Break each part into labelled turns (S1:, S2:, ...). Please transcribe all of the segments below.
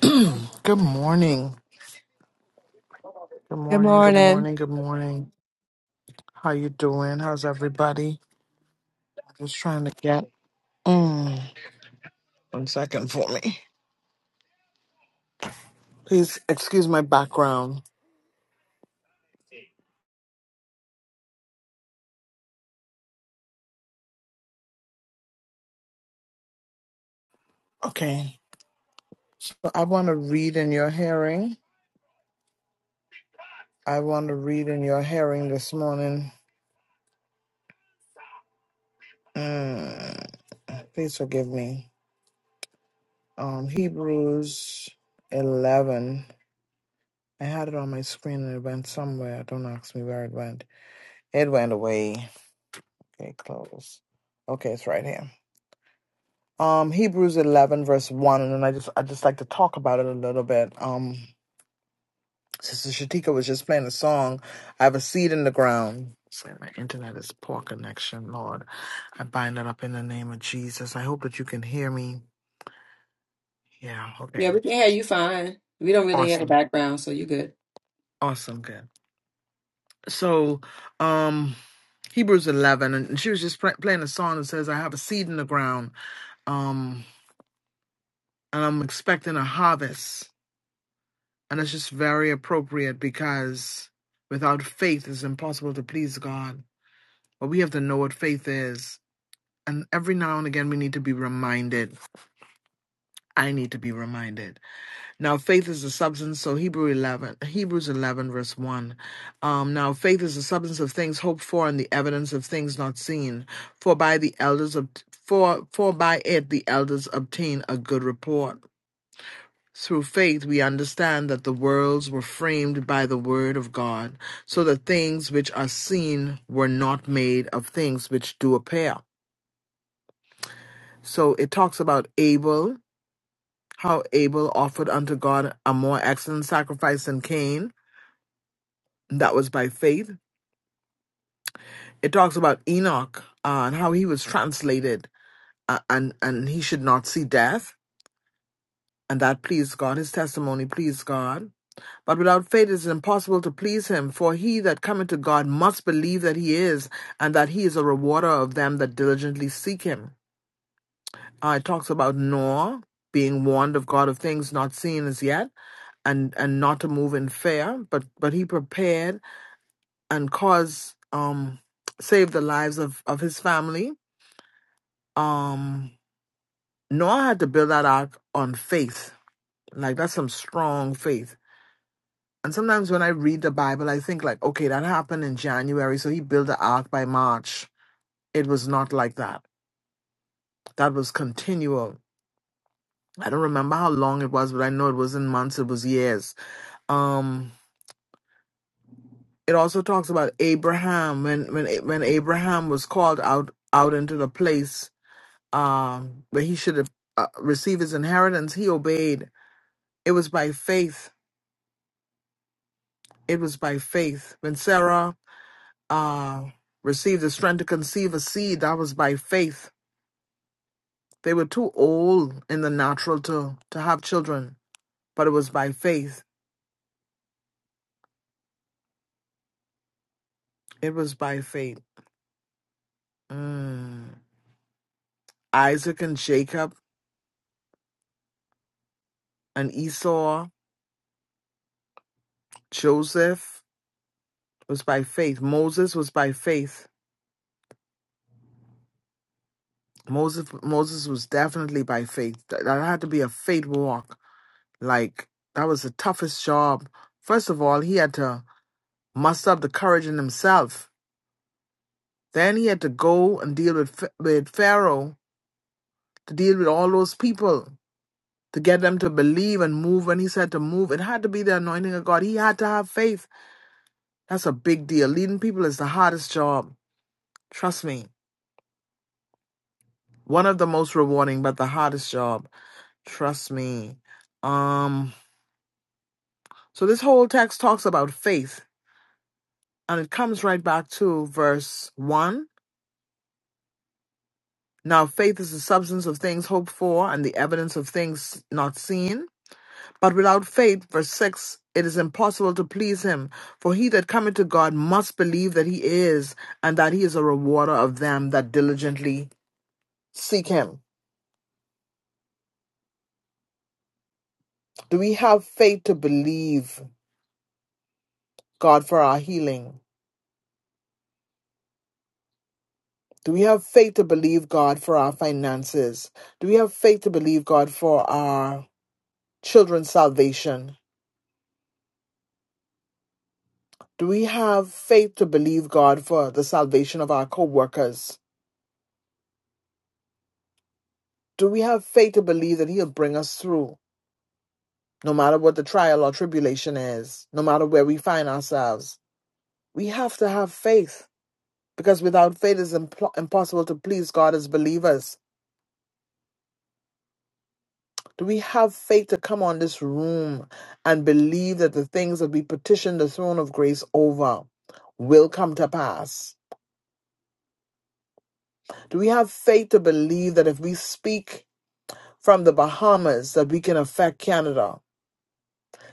S1: Good morning. Good morning. Good morning. Good morning. How you doing? How's everybody? Just trying to get mm, one second for me. Please excuse my background. Okay. So I want to read in your hearing. I want to read in your hearing this morning. Mm, please forgive me. Um, Hebrews 11. I had it on my screen and it went somewhere. Don't ask me where it went. It went away. Okay, close. Okay, it's right here. Um, Hebrews eleven verse one, and then I just I just like to talk about it a little bit. Um, Sister Shatika was just playing a song. I have a seed in the ground. Sorry, my internet is poor connection, Lord. I bind it up in the name of Jesus. I hope that you can hear me. Yeah,
S2: Yeah,
S1: okay.
S2: we can hear you fine. We don't really hear the
S1: Awesome.
S2: background, so you good.
S1: Awesome, good. So, um, Hebrews 11, and she was just pla playing a song that says, I have a seed in the ground, um, and I'm expecting a harvest. And it's just very appropriate because without faith, it's impossible to please God. But we have to know what faith is. And every now and again, we need to be reminded. I need to be reminded. Now, faith is the substance. So Hebrew 11, Hebrews 11, verse 1. Um, now, faith is the substance of things hoped for and the evidence of things not seen. For by the elders of for, for by it the elders obtain a good report. Through faith, we understand that the worlds were framed by the Word of God, so that things which are seen were not made of things which do appear. So it talks about Abel, how Abel offered unto God a more excellent sacrifice than Cain. That was by faith. It talks about Enoch uh, and how he was translated uh, and, and he should not see death. And that pleased God. His testimony pleased God But without faith it is impossible to please him, for he that cometh to God must believe that he is, and that he is a rewarder of them that diligently seek him. Uh, it talks about Noah being warned of God of things not seen as yet, and and not to move in fear, but but he prepared and caused um saved the lives of of his family. Um, Noah had to build that ark on faith, like that's some strong faith And sometimes when I read the Bible, I think like, okay, that happened in January, so he built the ark by March. It was not like that. That was continual. I don't remember how long it was, but I know it was not months, it was years. Um it also talks about Abraham when when when Abraham was called out out into the place um where he should have uh, receive his inheritance, he obeyed. It was by faith. It was by faith. When Sarah uh received the strength to conceive a seed, that was by faith They were too old in the natural to, to have children, but it was by faith. It was by faith. Mm. Isaac and Jacob and Esau, Joseph was by faith. Moses was by faith. Moses Moses was definitely by faith. That, that had to be a faith walk. Like that was the toughest job. First of all, he had to muster up the courage in himself. Then he had to go and deal with with Pharaoh to deal with all those people. to get them to believe and move. When he said to move, it had to be the anointing of God. He had to have faith. That's a big deal. Leading people is the hardest job. Trust me. One of the most rewarding, but the hardest job. Trust me. Um, so this whole text talks about faith, and it comes right back to verse one. Now faith is the substance of things hoped for and the evidence of things not seen. But without faith, verse 6, it is impossible to please him. For he that cometh to God must believe that he is, and that he is a rewarder of them that diligently seek him. Do we have faith to believe God for our healing? Do we have faith to believe God for our finances? Do we have faith to believe God for our children's salvation? Do we have faith to believe God for the salvation of our co workers? Do we have faith to believe that He'll bring us through? no matter what the trial or tribulation is, no matter where we find ourselves, we have to have faith because without faith, it's impl- impossible to please God as believers. Do we have faith to come on this room and believe that the things that we petition the throne of grace over will come to pass? Do we have faith to believe that if we speak from the Bahamas, that we can affect Canada?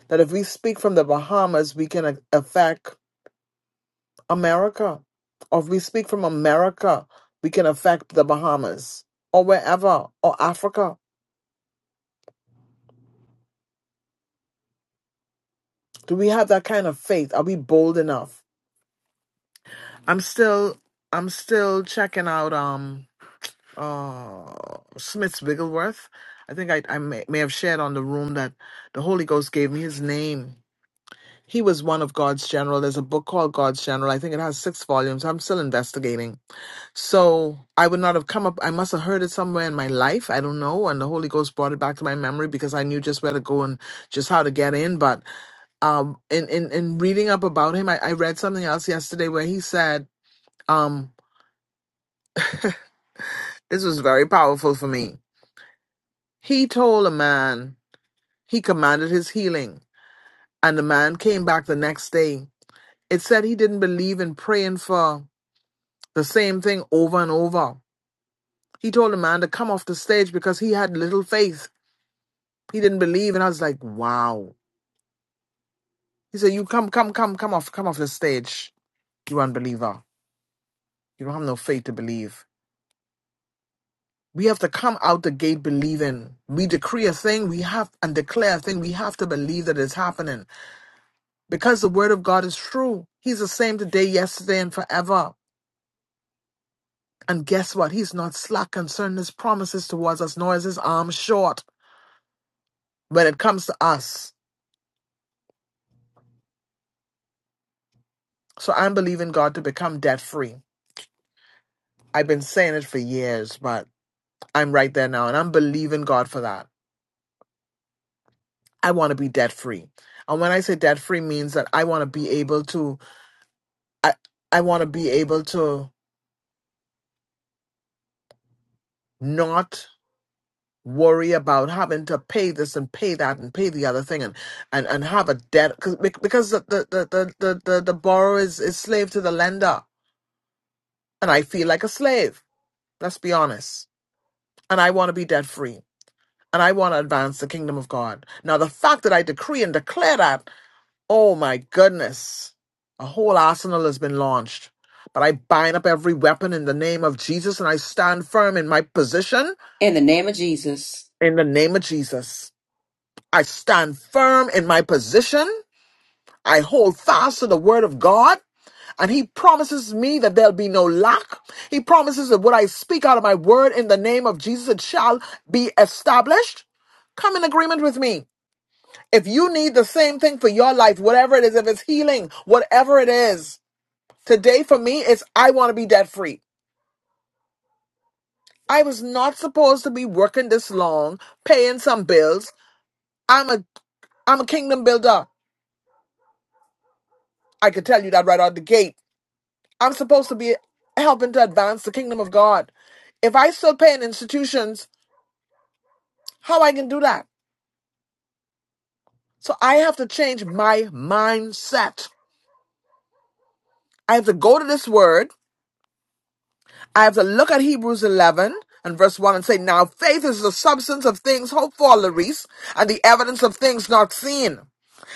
S1: That if we speak from the Bahamas, we can a- affect America. Or if we speak from America, we can affect the Bahamas or wherever or Africa. Do we have that kind of faith? Are we bold enough? I'm still I'm still checking out um uh Smith's Wigglesworth. I think I, I may, may have shared on the room that the Holy Ghost gave me his name. He was one of God's general. There's a book called God's General. I think it has six volumes. I'm still investigating So I would not have come up. I must have heard it somewhere in my life. I don't know. And the Holy Ghost brought it back to my memory because I knew just where to go and just how to get in. But um, in, in, in reading up about him, I, I read something else yesterday where he said, um, this was very powerful for me. He told a man, he commanded his healing. And the man came back the next day. It said he didn't believe in praying for the same thing over and over. He told the man to come off the stage because he had little faith He didn't believe, and I was like, wow. He said, "You come, come, come, come off, come off the stage. You unbeliever. You don't have no faith to believe. We have to come out the gate believing. We decree a thing, we have and declare a thing. We have to believe that it's happening because the word of God is true. He's the same today, yesterday, and forever. And guess what? He's not slack concerning his promises towards us, nor is his arm short when it comes to us. So I'm believing God to become debt free. I've been saying it for years, but." I'm right there now, and I'm believing God for that. I want to be debt free, and when I say debt free, means that I want to be able to. I I want to be able to not worry about having to pay this and pay that and pay the other thing and and, and have a debt cause, bec- because the the, the, the, the the the borrower is, is slave to the lender and i feel like a slave let's be honest and i want to be debt free and i want to advance the kingdom of god now the fact that i decree and declare that Oh my goodness. A whole arsenal has been launched. But I bind up every weapon in the name of Jesus and I stand firm in my position
S2: In the name of Jesus.
S1: in the name of Jesus. I stand firm in my position. I hold fast to the word of God and he promises me that there'll be no lack. He promises that what I speak out of my word in the name of Jesus, it shall be established come in agreement with me. If you need the same thing for your life, whatever it is, if it's healing, whatever it is, Today for me is I want to be debt free. I was not supposed to be working this long, paying some bills. I'm a I'm a kingdom builder. I could tell you that right out the gate. I'm supposed to be helping to advance the kingdom of God. If I still pay in institutions, how I can do that? So I have to change my mindset. I have to go to this word I have to look at Hebrews 11 and verse 1 and say, Now faith is the substance of things hoped for, Larice, and the evidence of things not seen.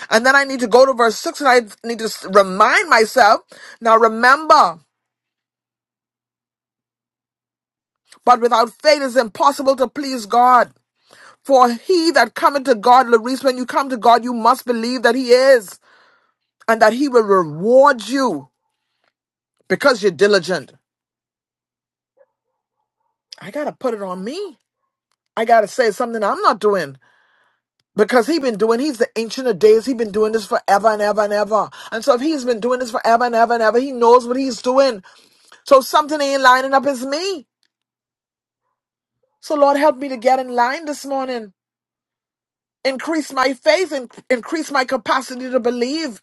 S1: And then I need to go to verse 6 and I need to s- remind myself, Now remember, but without faith it's impossible to please God. For he that cometh to God, Larice, when you come to God, you must believe that he is and that he will reward you because you're diligent. I got to put it on me. I got to say it's something I'm not doing. Because he been doing, he's the ancient of days. He has been doing this forever and ever and ever. And so if he's been doing this forever and ever and ever, he knows what he's doing. So if something ain't lining up is me. So Lord, help me to get in line this morning. Increase my faith and increase my capacity to believe.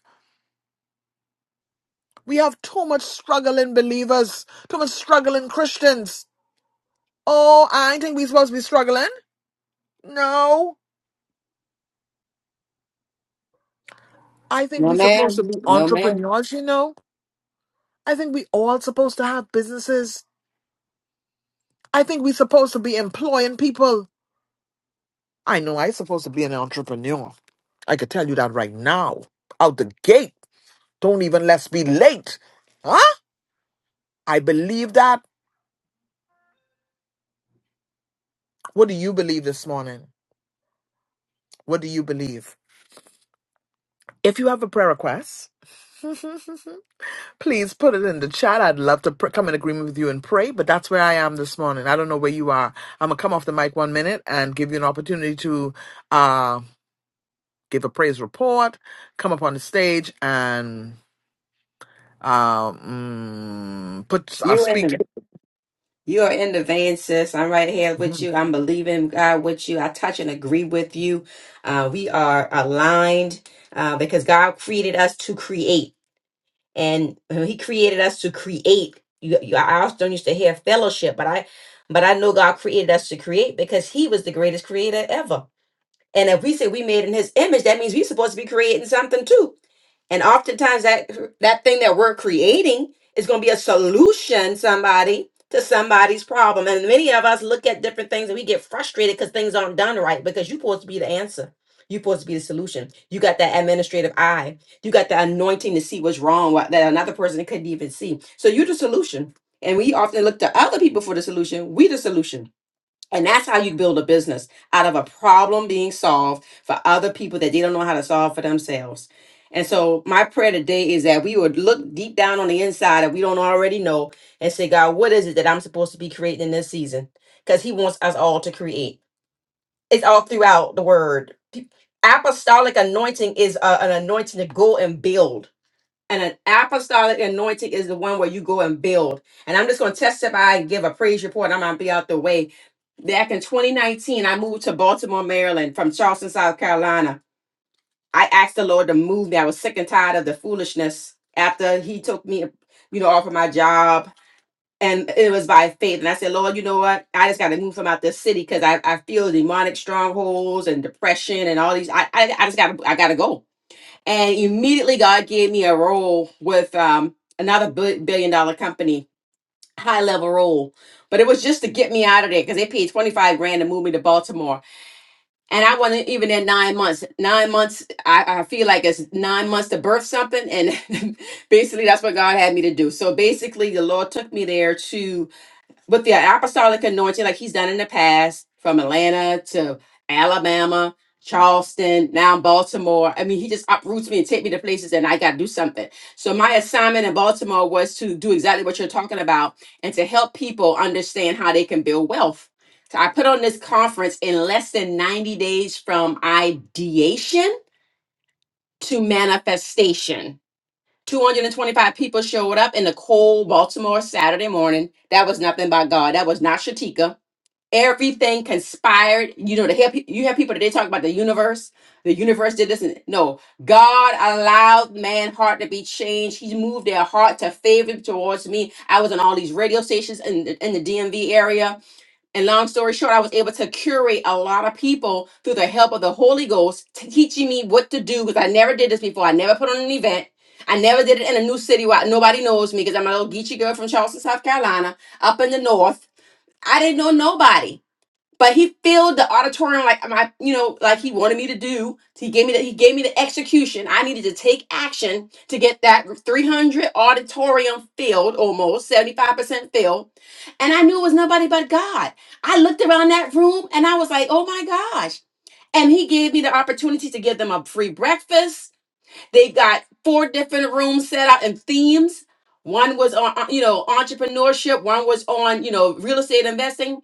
S1: We have too much struggling believers, too much struggling Christians. Oh, I think we supposed to be struggling. No, I think
S2: No
S1: we supposed to
S2: ma'am.
S1: be
S2: No ma'am.
S1: entrepreneurs, you know. I think we all supposed to have businesses. I think we're supposed to be employing people. I know I'm supposed to be an entrepreneur. I could tell you that right now. Out the gate. Don't even let's be late. Huh? I believe that. What do you believe this morning? What do you believe? If you have a prayer request, please put it in the chat. I'd love to pr- come in agreement with you and pray, but that's where I am this morning. I don't know where you are. I'm going to come off the mic one minute and give you an opportunity to uh, give a praise report, come up on the stage, and. um put i
S2: You in
S1: speak
S2: the you are in the vein, sis. I'm right here with
S1: Mhm.
S2: you. I'm believing God with you. I touch and agree with you. Uh, we are aligned uh, because God created us to create. and uh, he created us to create you, you i not used to hear fellowship but i but i know god created us to create because he was the greatest creator ever and if we say we made in his image, that means we're supposed to be creating something too. And oftentimes that that thing that we're creating is going to be a solution somebody to somebody's problem. And many of us look at different things and we get frustrated because things aren't done right because you're supposed to be the answer. You're supposed to be the solution. You got that administrative eye. You got the anointing to see what's wrong what- that another person couldn't even see. So you're the solution. And we often look to other people for the solution. We the solution and that's how you build a business out of a problem being solved for other people that they don't know how to solve for themselves. And so, my prayer today is that we would look deep down on the inside that we don't already know and say, God, what is it that I'm supposed to be creating in this season? Because He wants us all to create. It's all throughout the word. Pe- Apostolic anointing is a- an anointing to go and build. And an apostolic anointing is the one where you go and build. And I'm just going to testify and give a praise report. I'm going to be out the way. Back in 2019, I moved to Baltimore, Maryland from Charleston, South Carolina. I asked the Lord to move me. I was sick and tired of the foolishness after He took me, you know, off of my job. And it was by faith. And I said, Lord, you know what? I just got to move from out this city because I, I feel demonic strongholds and depression and all these. I, I, I just got to, I got to go and immediately God gave me a role with um, another bu- billion dollar company, high level role. But it was just to get me out of there because they paid twenty five grand to move me to Baltimore, and I wasn't even in nine months. Nine months, I, I feel like it's nine months to birth something, and basically that's what God had me to do. So basically, the Lord took me there to with the apostolic anointing, like he's done in the past, from Atlanta to Alabama, Charleston, now Baltimore. I mean, he just uproots me and take me to places, and I got to do something. So my assignment in Baltimore was to do exactly what you're talking about and to help people understand how they can build wealth. So I put on this conference in less than 90 days from ideation to manifestation. 225 people showed up in the cold Baltimore Saturday morning. That was nothing by God. That was not Shatika everything conspired you know to help you have people that they talk about the universe the universe did this and no god allowed man heart to be changed he moved their heart to favor towards me i was on all these radio stations in the, in the dmv area and long story short i was able to curate a lot of people through the help of the holy ghost t- teaching me what to do because i never did this before i never put on an event I never did it in a new city where nobody knows me because I'm a little geeky girl from Charleston, South Carolina, up in the north. I didn't know nobody but he filled the auditorium like my you know like he wanted me to do he gave me the he gave me the execution i needed to take action to get that 300 auditorium filled almost 75% filled and i knew it was nobody but god i looked around that room and i was like oh my gosh and he gave me the opportunity to give them a free breakfast they got four different rooms set out and themes one was on you know entrepreneurship one was on you know real estate investing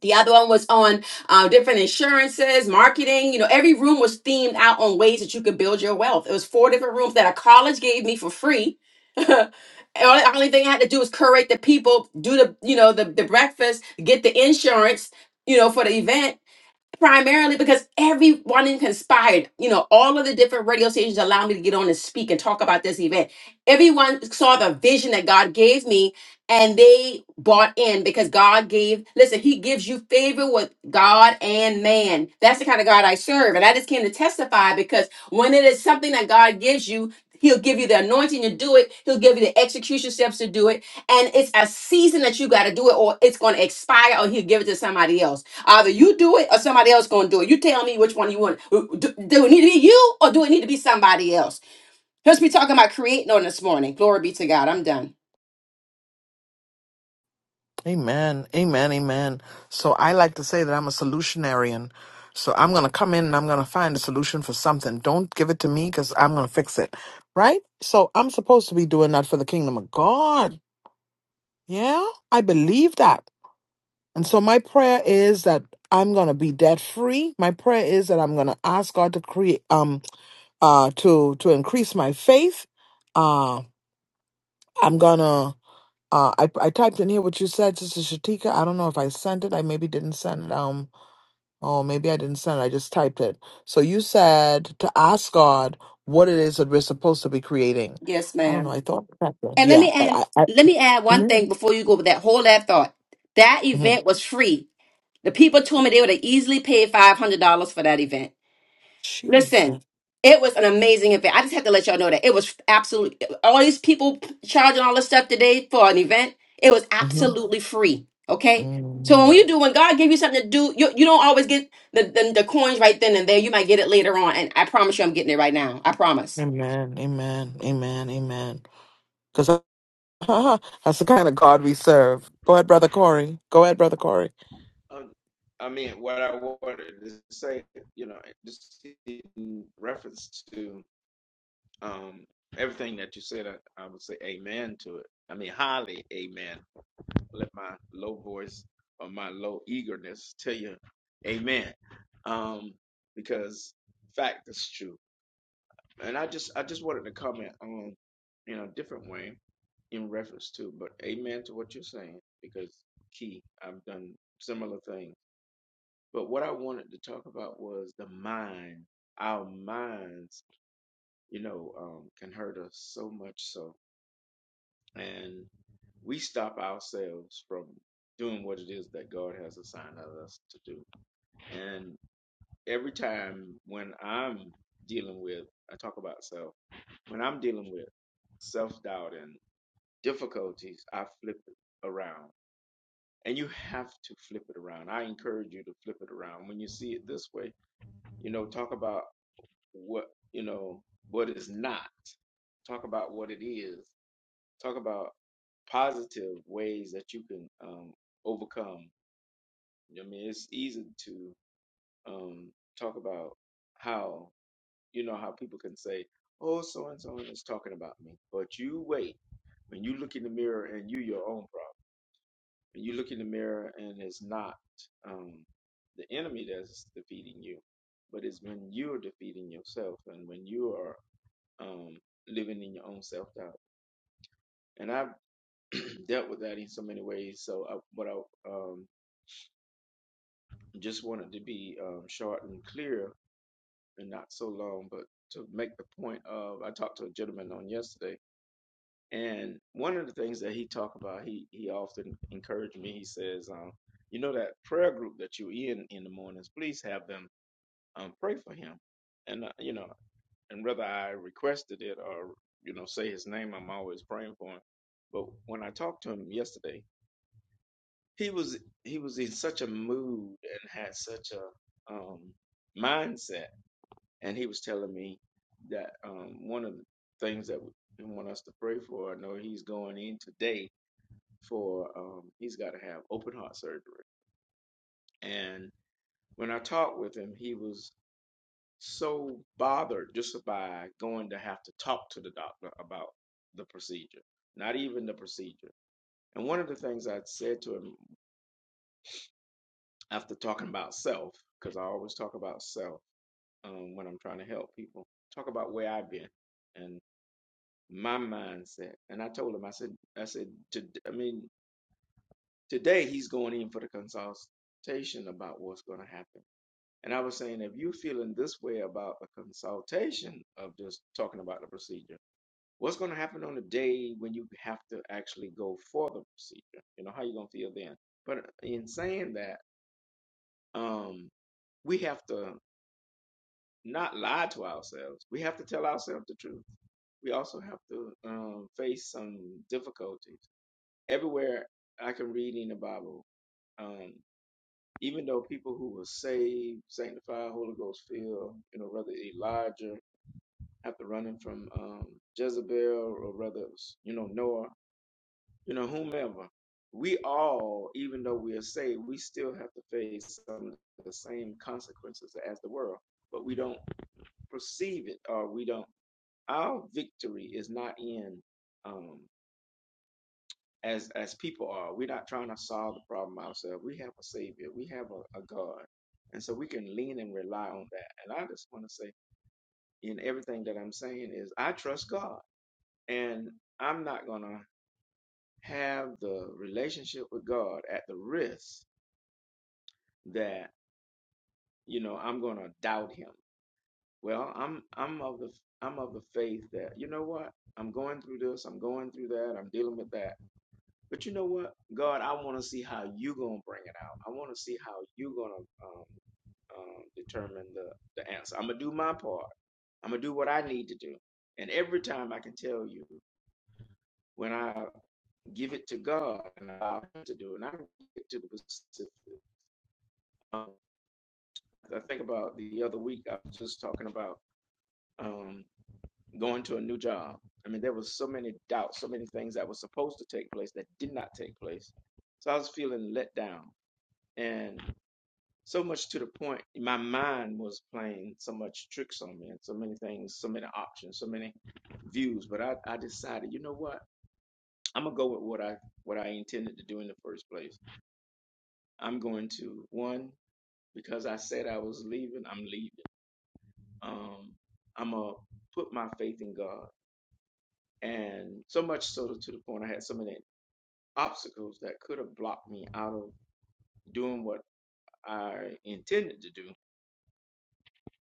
S2: the other one was on uh, different insurances, marketing. You know, every room was themed out on ways that you could build your wealth. It was four different rooms that a college gave me for free. And All the only thing I had to do was curate the people, do the you know the the breakfast, get the insurance, you know, for the event, primarily because everyone conspired you know all of the different radio stations allowed me to get on and speak and talk about this event everyone saw the vision that god gave me and they bought in because god gave listen he gives you favor with god and man that's the kind of god i serve and i just came to testify because when it is something that god gives you He'll give you the anointing to do it. He'll give you the execution steps to do it. And it's a season that you got to do it, or it's going to expire, or he'll give it to somebody else. Either you do it or somebody else gonna do it. You tell me which one you want. Do, do it need to be you or do it need to be somebody else? Let's be talking about creating on this morning. Glory be to God. I'm done.
S1: amen amen amen so i like to say that i'm a solutionarian so i'm going to come in and i'm going to find a solution for something don't give it to me cuz i'm going to fix it right so i'm supposed to be doing that for the kingdom of god yeah i believe that and so my prayer is that i'm going to be debt free my prayer is that i'm going to ask god to create um uh to to increase my faith uh i'm going to Uh, I I typed in here what you said, Sister Shatika. I don't know if I sent it. I maybe didn't send it. Um, oh, maybe I didn't send it. I just typed it. So you said to ask God what it is that we're supposed to be creating.
S2: Yes,
S1: I don't know.
S2: ma'am.
S1: I thought that. then.
S2: And let
S1: Yeah,
S2: me
S1: but
S2: add
S1: I. I
S2: let me add one
S1: Mhm.
S2: thing before you go with that. Hold that thought. That
S1: Mhm.
S2: event was free. The people told me they would have easily paid five hundred dollars for that event. Listen,
S1: Jesus.
S2: it was an amazing event. I just had to let y'all know that it was absolutely all these people charging all this stuff today for an event. It was
S1: hmm
S2: absolutely free. Okay. So when
S1: hmm
S2: you do, when God gave you something to do, you, you don't always get the, the the coins right then and there. You might get it later on, and I promise you, I'm getting it right now. I promise.
S1: Amen. Amen. Amen. Amen. Because that's the kind of God we serve. Go ahead, brother Corey. Go ahead, brother Corey.
S3: Um, I mean, what I wanted to say, you know, just in reference to um, everything that you said, I, I would say amen to it. I mean, highly amen. Let my low voice or my low eagerness tell you amen. Um, because fact is true. And I just I just wanted to comment on in a different way in reference to, but amen to what you're saying because key, I've done similar things but what I wanted to talk about was the mind. Our minds, you know, um, can hurt us so much so. And we stop ourselves from doing what it is that God has assigned us to do. And every time when I'm dealing with, I talk about self, when I'm dealing with self doubt and difficulties, I flip it around. And you have to flip it around. I encourage you to flip it around. When you see it this way, you know, talk about. what you know What is not talk about what it is talk about positive ways that you can um, overcome i mean it's easy to um, talk about how you know how people can say oh so and so is talking about me but you wait when you look in the mirror and you your own problem when you look in the mirror and it's not um, the enemy that's defeating you but it's when you're defeating yourself and when you are um, living in your own self doubt. And I've dealt with that in so many ways. So, I, but I um, just wanted to be um, short and clear and not so long, but to make the point of, I talked to a gentleman on yesterday, and one of the things that he talked about, he he often encouraged me. He says, um, you know, that prayer group that you're in in the mornings, please have them um, pray for him. And uh, you know. and whether I requested it or you know say his name, I'm always praying for him. But when I talked to him yesterday, he was he was in such a mood and had such a um, mindset, and he was telling me that um, one of the things that he want us to pray for. I know he's going in today for um, he's got to have open heart surgery, and when I talked with him, he was so bothered just by going to have to talk to the doctor about the procedure, not even the procedure. And one of the things I said to him after talking about self, because I always talk about self um, when I'm trying to help people, talk about where I've been and my mindset. And I told him, I said, I said, to, I mean, today he's going in for the consultation about what's going to happen. And I was saying, if you're feeling this way about the consultation of just talking about the procedure, What's going to happen on the day when you have to actually go for the procedure? You know, how you going to feel then? But in saying that, um, we have to not lie to ourselves. We have to tell ourselves the truth. We also have to um, face some difficulties. Everywhere I can read in the Bible, um, even though people who were saved, sanctified, Holy Ghost filled, you know, whether Elijah after running from um, Jezebel or whether it was, you know, Noah you know, whomever. We all, even though we are saved, we still have to face some of the same consequences as the world, but we don't perceive it or we don't. Our victory is not in um, as as people are. We're not trying to solve the problem ourselves. We have a savior. We have a, a God, and so we can lean and rely on that. And I just want to say, in everything that I'm saying, is I trust God, and I'm not gonna have the relationship with God at the risk that you know I'm going to doubt him. Well, I'm I'm of the I'm of the faith that you know what I'm going through this, I'm going through that, I'm dealing with that. But you know what, God, I want to see how you gonna bring it out. I want to see how you gonna um, um, determine the the answer. I'm gonna do my part. I'm gonna do what I need to do. And every time I can tell you when I give it to God and allow Him to do, it, and I get to the specific. Um, I think about the other week. I was just talking about. Um, going to a new job. I mean, there was so many doubts, so many things that were supposed to take place that did not take place. So I was feeling let down, and so much to the point, my mind was playing so much tricks on me, and so many things, so many options, so many views. But I, I decided, you know what? I'm gonna go with what I what I intended to do in the first place. I'm going to one because I said I was leaving. I'm leaving. Um, I'm gonna put my faith in God, and so much so to the point I had so many obstacles that could have blocked me out of doing what I intended to do.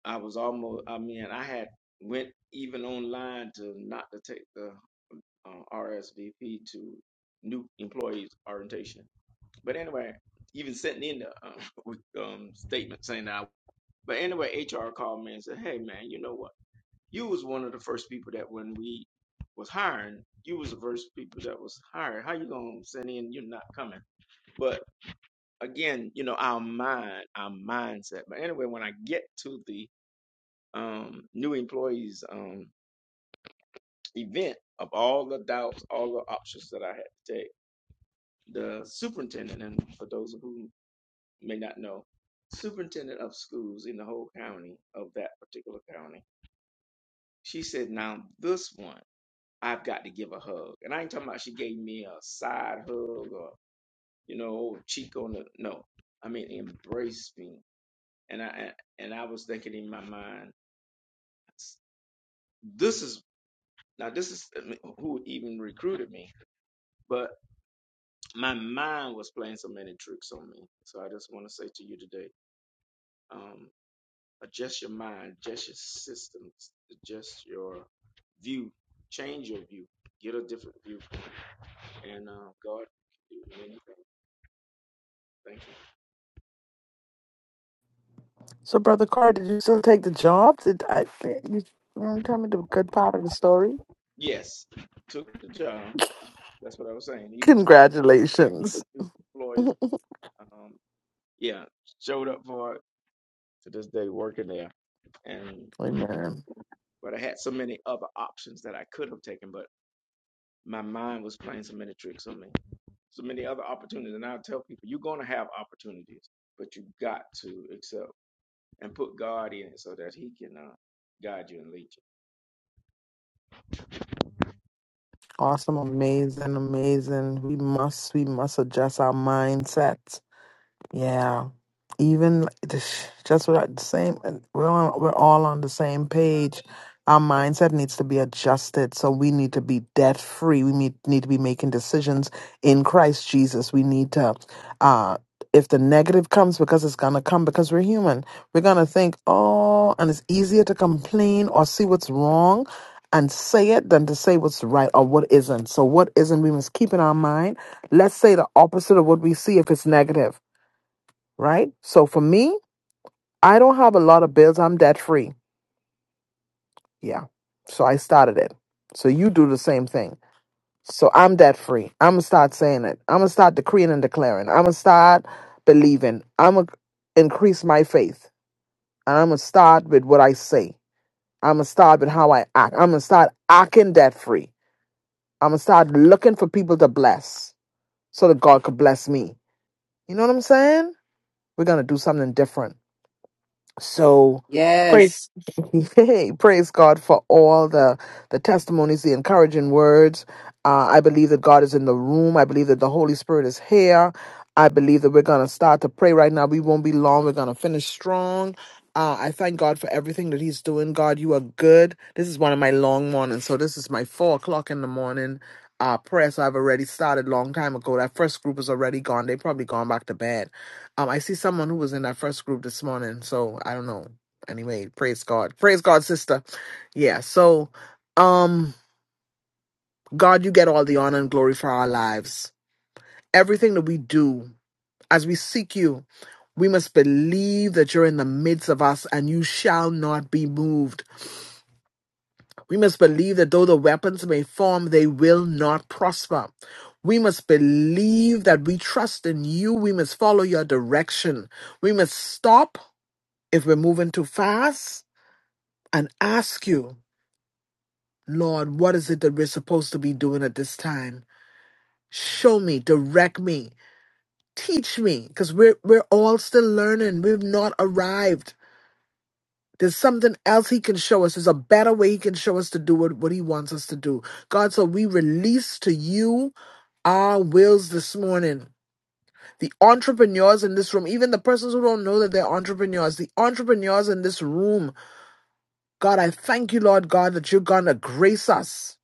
S3: I was almost, I mean, I had went even online to not to take the uh, RSVP to new employees orientation. But anyway, even sent in the um, with, um, statement saying that. I, but anyway, HR called me and said, "Hey, man, you know what? You was one of the first people that when we was hiring, you was the first people that was hired. How you gonna send in? You're not coming." But again, you know, our mind, our mindset. But anyway, when I get to the um, new employees um, event, of all the doubts, all the options that I had to take, the superintendent, and for those who may not know, superintendent of schools in the whole county of that particular county, she said, "Now this one, I've got to give a hug." And I ain't talking about she gave me a side hug or you know cheek on the no. I mean, embrace me and I and I was thinking in my mind, this is now this is who even recruited me, but my mind was playing so many tricks on me. So I just want to say to you today, um, adjust your mind, adjust your systems, adjust your view, change your view, get a different viewpoint, and uh, God can do anything. Thank you.
S1: So, Brother Carr, did you still take the job? Did I? You, you tell me the good part of the story.
S3: Yes, took the job. That's what I was saying. Even
S1: Congratulations.
S3: employees, um, yeah, showed up for it to this day working there and
S1: Amen.
S3: but I had so many other options that I could have taken, but my mind was playing so many tricks on me, so many other opportunities. And I tell people, you're going to have opportunities, but you got to accept and put God in it so that He can uh, guide you and lead you.
S1: Awesome, amazing, amazing. We must, we must adjust our mindset. Yeah. Even like this- just what the same and we're on, we're all on the same page. Our mindset needs to be adjusted. So we need to be debt free. We need, need to be making decisions in Christ Jesus. We need to uh if the negative comes because it's gonna come because we're human, we're gonna think, oh, and it's easier to complain or see what's wrong and say it than to say what's right or what isn't. So what isn't we must keep in our mind. Let's say the opposite of what we see if it's negative right? So for me, I don't have a lot of bills. I'm debt free. Yeah. So I started it. So you do the same thing. So I'm debt free. I'm gonna start saying it. I'm gonna start decreeing and declaring. I'm gonna start believing. I'm gonna increase my faith. And I'm gonna start with what I say. I'm gonna start with how I act. I'm gonna start acting debt free. I'm gonna start looking for people to bless so that God could bless me. You know what I'm saying? We're gonna do something different. So praise
S2: Yes.
S1: Yay, praise God for all the the testimonies, the encouraging words. Uh, I believe that God is in the room. I believe that the Holy Spirit is here. I believe that we're gonna start to pray right now. We won't be long. We're gonna finish strong. Uh, I thank God for everything that He's doing. God, you are good. This is one of my long mornings, so this is my four o'clock in the morning uh, prayer. So I've already started long time ago. That first group is already gone. They probably gone back to bed. Um, I see someone who was in that first group this morning, so I don't know. Anyway, praise God. Praise God, sister. Yeah, so um God, you get all the honor and glory for our lives. Everything that we do as we seek you, we must believe that you're in the midst of us and you shall not be moved. We must believe that though the weapons may form, they will not prosper. We must believe that we trust in you. We must follow your direction. We must stop if we're moving too fast and ask you, Lord, what is it that we're supposed to be doing at this time? Show me, direct me, teach me, because we're we're all still learning. We've not arrived. There's something else he can show us. There's a better way he can show us to do what, what he wants us to do. God, so we release to you our wills this morning. The entrepreneurs in this room, even the persons who don't know that they're entrepreneurs, the entrepreneurs in this room God, I thank you, Lord God, that you're going to grace us.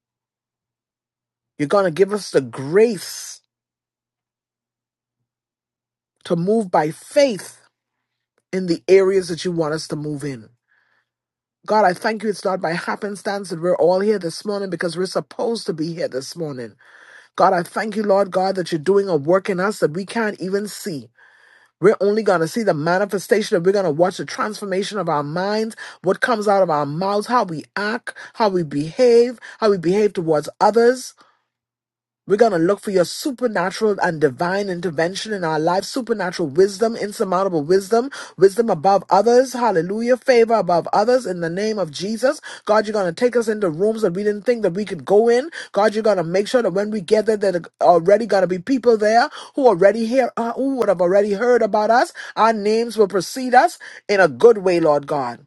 S1: You're going to give us the grace to move by faith in the areas that you want us to move in. God, I thank you. It's not by happenstance that we're all here this morning because we're supposed to be here this morning. God, I thank you, Lord God, that you're doing a work in us that we can't even see. We're only going to see the manifestation and we're going to watch the transformation of our minds, what comes out of our mouths, how we act, how we behave, how we behave towards others. We're going to look for your supernatural and divine intervention in our life, supernatural wisdom, insurmountable wisdom, wisdom above others. Hallelujah. Favor above others in the name of Jesus. God, you're going to take us into rooms that we didn't think that we could go in. God, you're going to make sure that when we get there, there are already going to be people there who already hear, uh, who would have already heard about us. Our names will precede us in a good way, Lord God.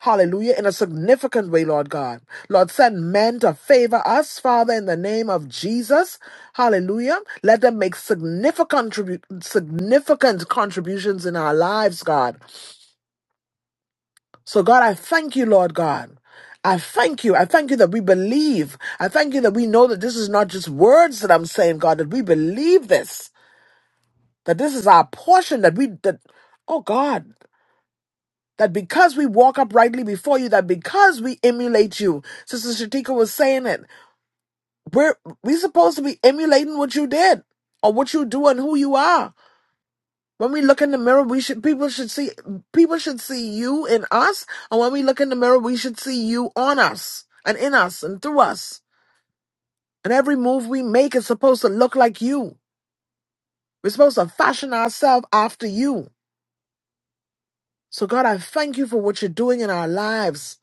S1: Hallelujah, in a significant way, Lord God. Lord, send men to favor us, Father, in the name of Jesus. Hallelujah. Let them make significant, contribu- significant contributions in our lives, God. So, God, I thank you, Lord God. I thank you. I thank you that we believe. I thank you that we know that this is not just words that I'm saying, God, that we believe this, that this is our portion, that we, that, oh God. that because we walk uprightly before you, that because we emulate you, Sister Shatika was saying it, we're we supposed to be emulating what you did or what you do and who you are. When we look in the mirror, we should people should see people should see you in us, and when we look in the mirror, we should see you on us and in us and through us. And every move we make is supposed to look like you. We're supposed to fashion ourselves after you. So God, I thank you for what you're doing in our lives.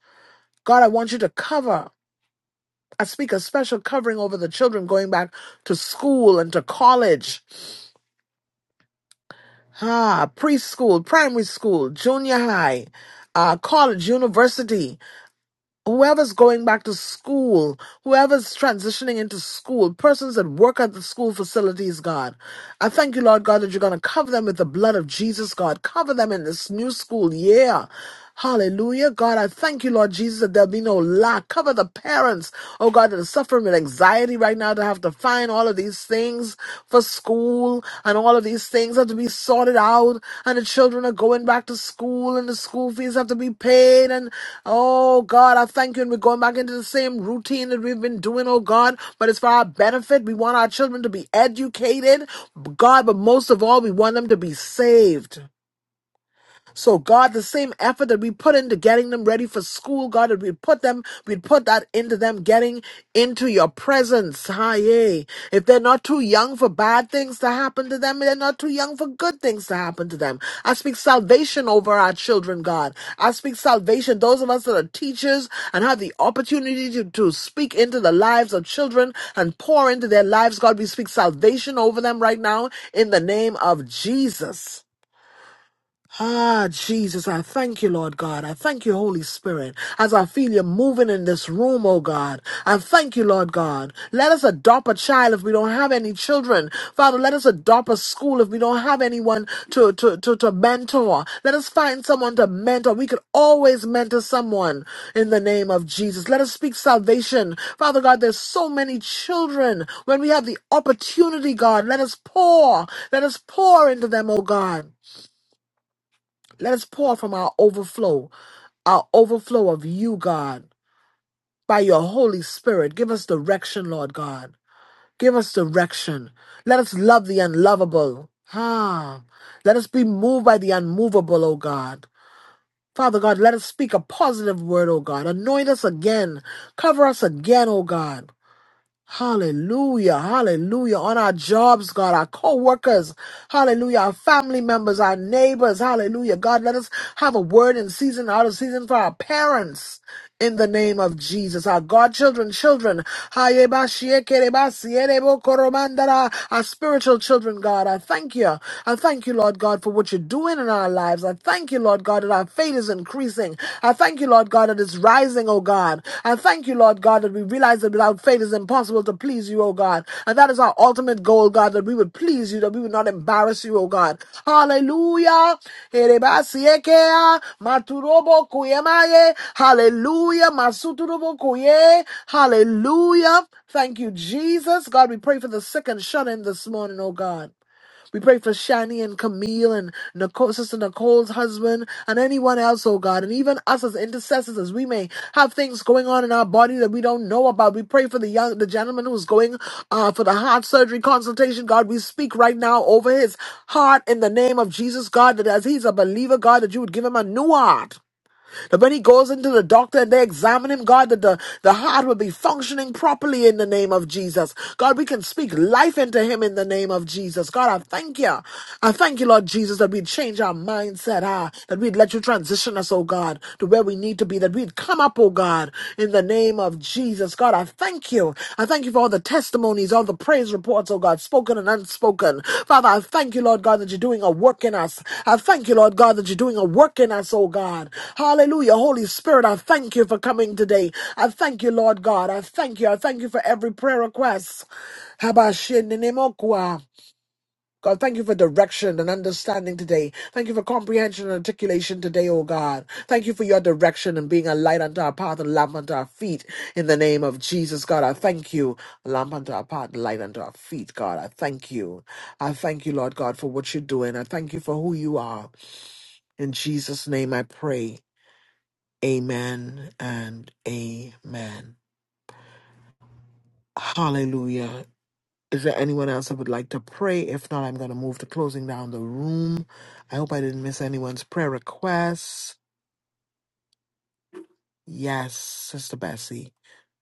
S1: God, I want you to cover. I speak a special covering over the children going back to school and to college, ah, preschool, primary school, junior high, uh, college, university whoever's going back to school, whoever's transitioning into school, persons that work at the school facilities, God. I thank you, Lord God, that you're going to cover them with the blood of Jesus, God. Cover them in this new school year. Hallelujah. God, I thank you, Lord Jesus, that there'll be no lack. Cover the parents, oh God, that are suffering with anxiety right now to have to find all all of these things for school and all of these things have to be sorted out and the children are going back to school and the school fees have to be paid and oh God, I thank you and we're going back into the same routine that we've been doing, oh God, but it's for our benefit. We want our children to be educated, God, but most of all, we want them to be saved. So, God, the same effort that we put into getting them ready for school, God, that we put them, we'd put that into them getting into your presence. Hi, yay. If they're not too young for bad things to happen to them, they're not too young for good things to happen to them. I speak salvation over our children, God. I speak salvation. Those of us that are teachers and have the opportunity to, to speak into the lives of children and pour into their lives, God, we speak salvation over them right now in the name of Jesus. Ah, Jesus, I thank you, Lord God. I thank you, Holy Spirit, as I feel you moving in this room, oh God. I thank you, Lord God. Let us adopt a child if we don't have any children. Father, let us adopt a school if we don't have anyone to, to, to, to mentor. Let us find someone to mentor. We could always mentor someone in the name of Jesus. Let us speak salvation. Father God, there's so many children. When we have the opportunity, God, let us pour. Let us pour into them, oh God. Let us pour from our overflow, our overflow of you, God, by your Holy Spirit. Give us direction, Lord God. Give us direction. Let us love the unlovable. Ah, let us be moved by the unmovable, O God. Father God, let us speak a positive word, O God. Anoint us again. Cover us again, O God. Hallelujah, hallelujah. On our jobs, God, our co workers, hallelujah, our family members, our neighbors, hallelujah. God, let us have a word in season, out of season for our parents in the name of Jesus. Our godchildren, children, hayebashiekerebasierebokoromandara, our spiritual children, God, I thank you. I thank you, Lord God, for what you're doing in our lives. I thank you, Lord God, that our faith is increasing increasing. I thank you, Lord God, that it's rising, oh God. I thank you, Lord God, that we realize that without faith it's impossible to please you, oh God. And that is our ultimate goal, God, that we would please you, that we would not embarrass you, oh God. Hallelujah. Hallelujah. Hallelujah. Thank you, Jesus. God, we pray for the sick and shut in this morning, oh God. We pray for Shani and Camille and Nicole, Sister Nicole's husband and anyone else, oh God, and even us as intercessors, as we may have things going on in our body that we don't know about. We pray for the young, the gentleman who's going uh, for the heart surgery consultation. God, we speak right now over his heart in the name of Jesus, God, that as he's a believer, God, that you would give him a new heart. That when he goes into the doctor and they examine him, God, that the, the heart will be functioning properly in the name of Jesus. God, we can speak life into him in the name of Jesus. God, I thank you. I thank you, Lord Jesus, that we'd change our mindset, ah, that we'd let you transition us, oh God, to where we need to be, that we'd come up, oh God, in the name of Jesus. God, I thank you. I thank you for all the testimonies, all the praise reports, oh God, spoken and unspoken. Father, I thank you, Lord God, that you're doing a work in us. I thank you, Lord God, that you're doing a work in us, oh God. Hallelujah. Holy Spirit, I thank you for coming today. I thank you, Lord God. I thank you. I thank you for every prayer request. Habashin Nimokwa. God, thank you for direction and understanding today. Thank you for comprehension and articulation today, oh God. Thank you for your direction and being a light unto our path and a lamp unto our feet. In the name of Jesus, God, I thank you. A lamp unto our path, a light unto our feet, God. I thank you. I thank you, Lord God, for what you're doing. I thank you for who you are. In Jesus' name I pray. Amen and amen. Hallelujah. Is there anyone else that would like to pray? If not, I'm going to move to closing down the room. I hope I didn't miss anyone's prayer requests. Yes, Sister Bessie.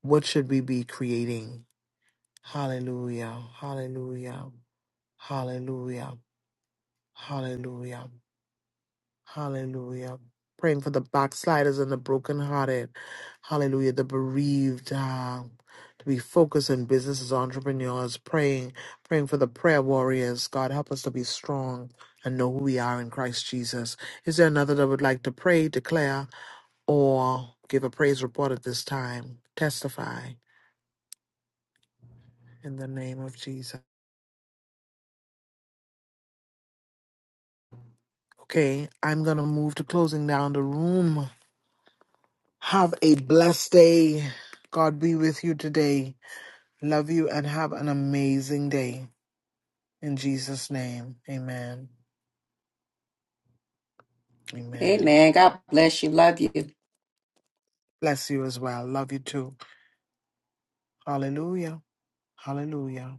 S1: What should we be creating? Hallelujah. Hallelujah. Hallelujah. Hallelujah. Hallelujah. Praying for the backsliders and the brokenhearted. Hallelujah. The bereaved. Uh, to be focused in business as entrepreneurs. Praying. Praying for the prayer warriors. God, help us to be strong and know who we are in Christ Jesus. Is there another that would like to pray, declare, or give a praise report at this time? Testify in the name of Jesus. Okay, I'm going to move to closing down the room. Have a blessed day. God be with you today. Love you and have an amazing day. In Jesus' name, amen. Amen.
S2: Amen. God bless you. Love you.
S1: Bless you as well. Love you too. Hallelujah. Hallelujah.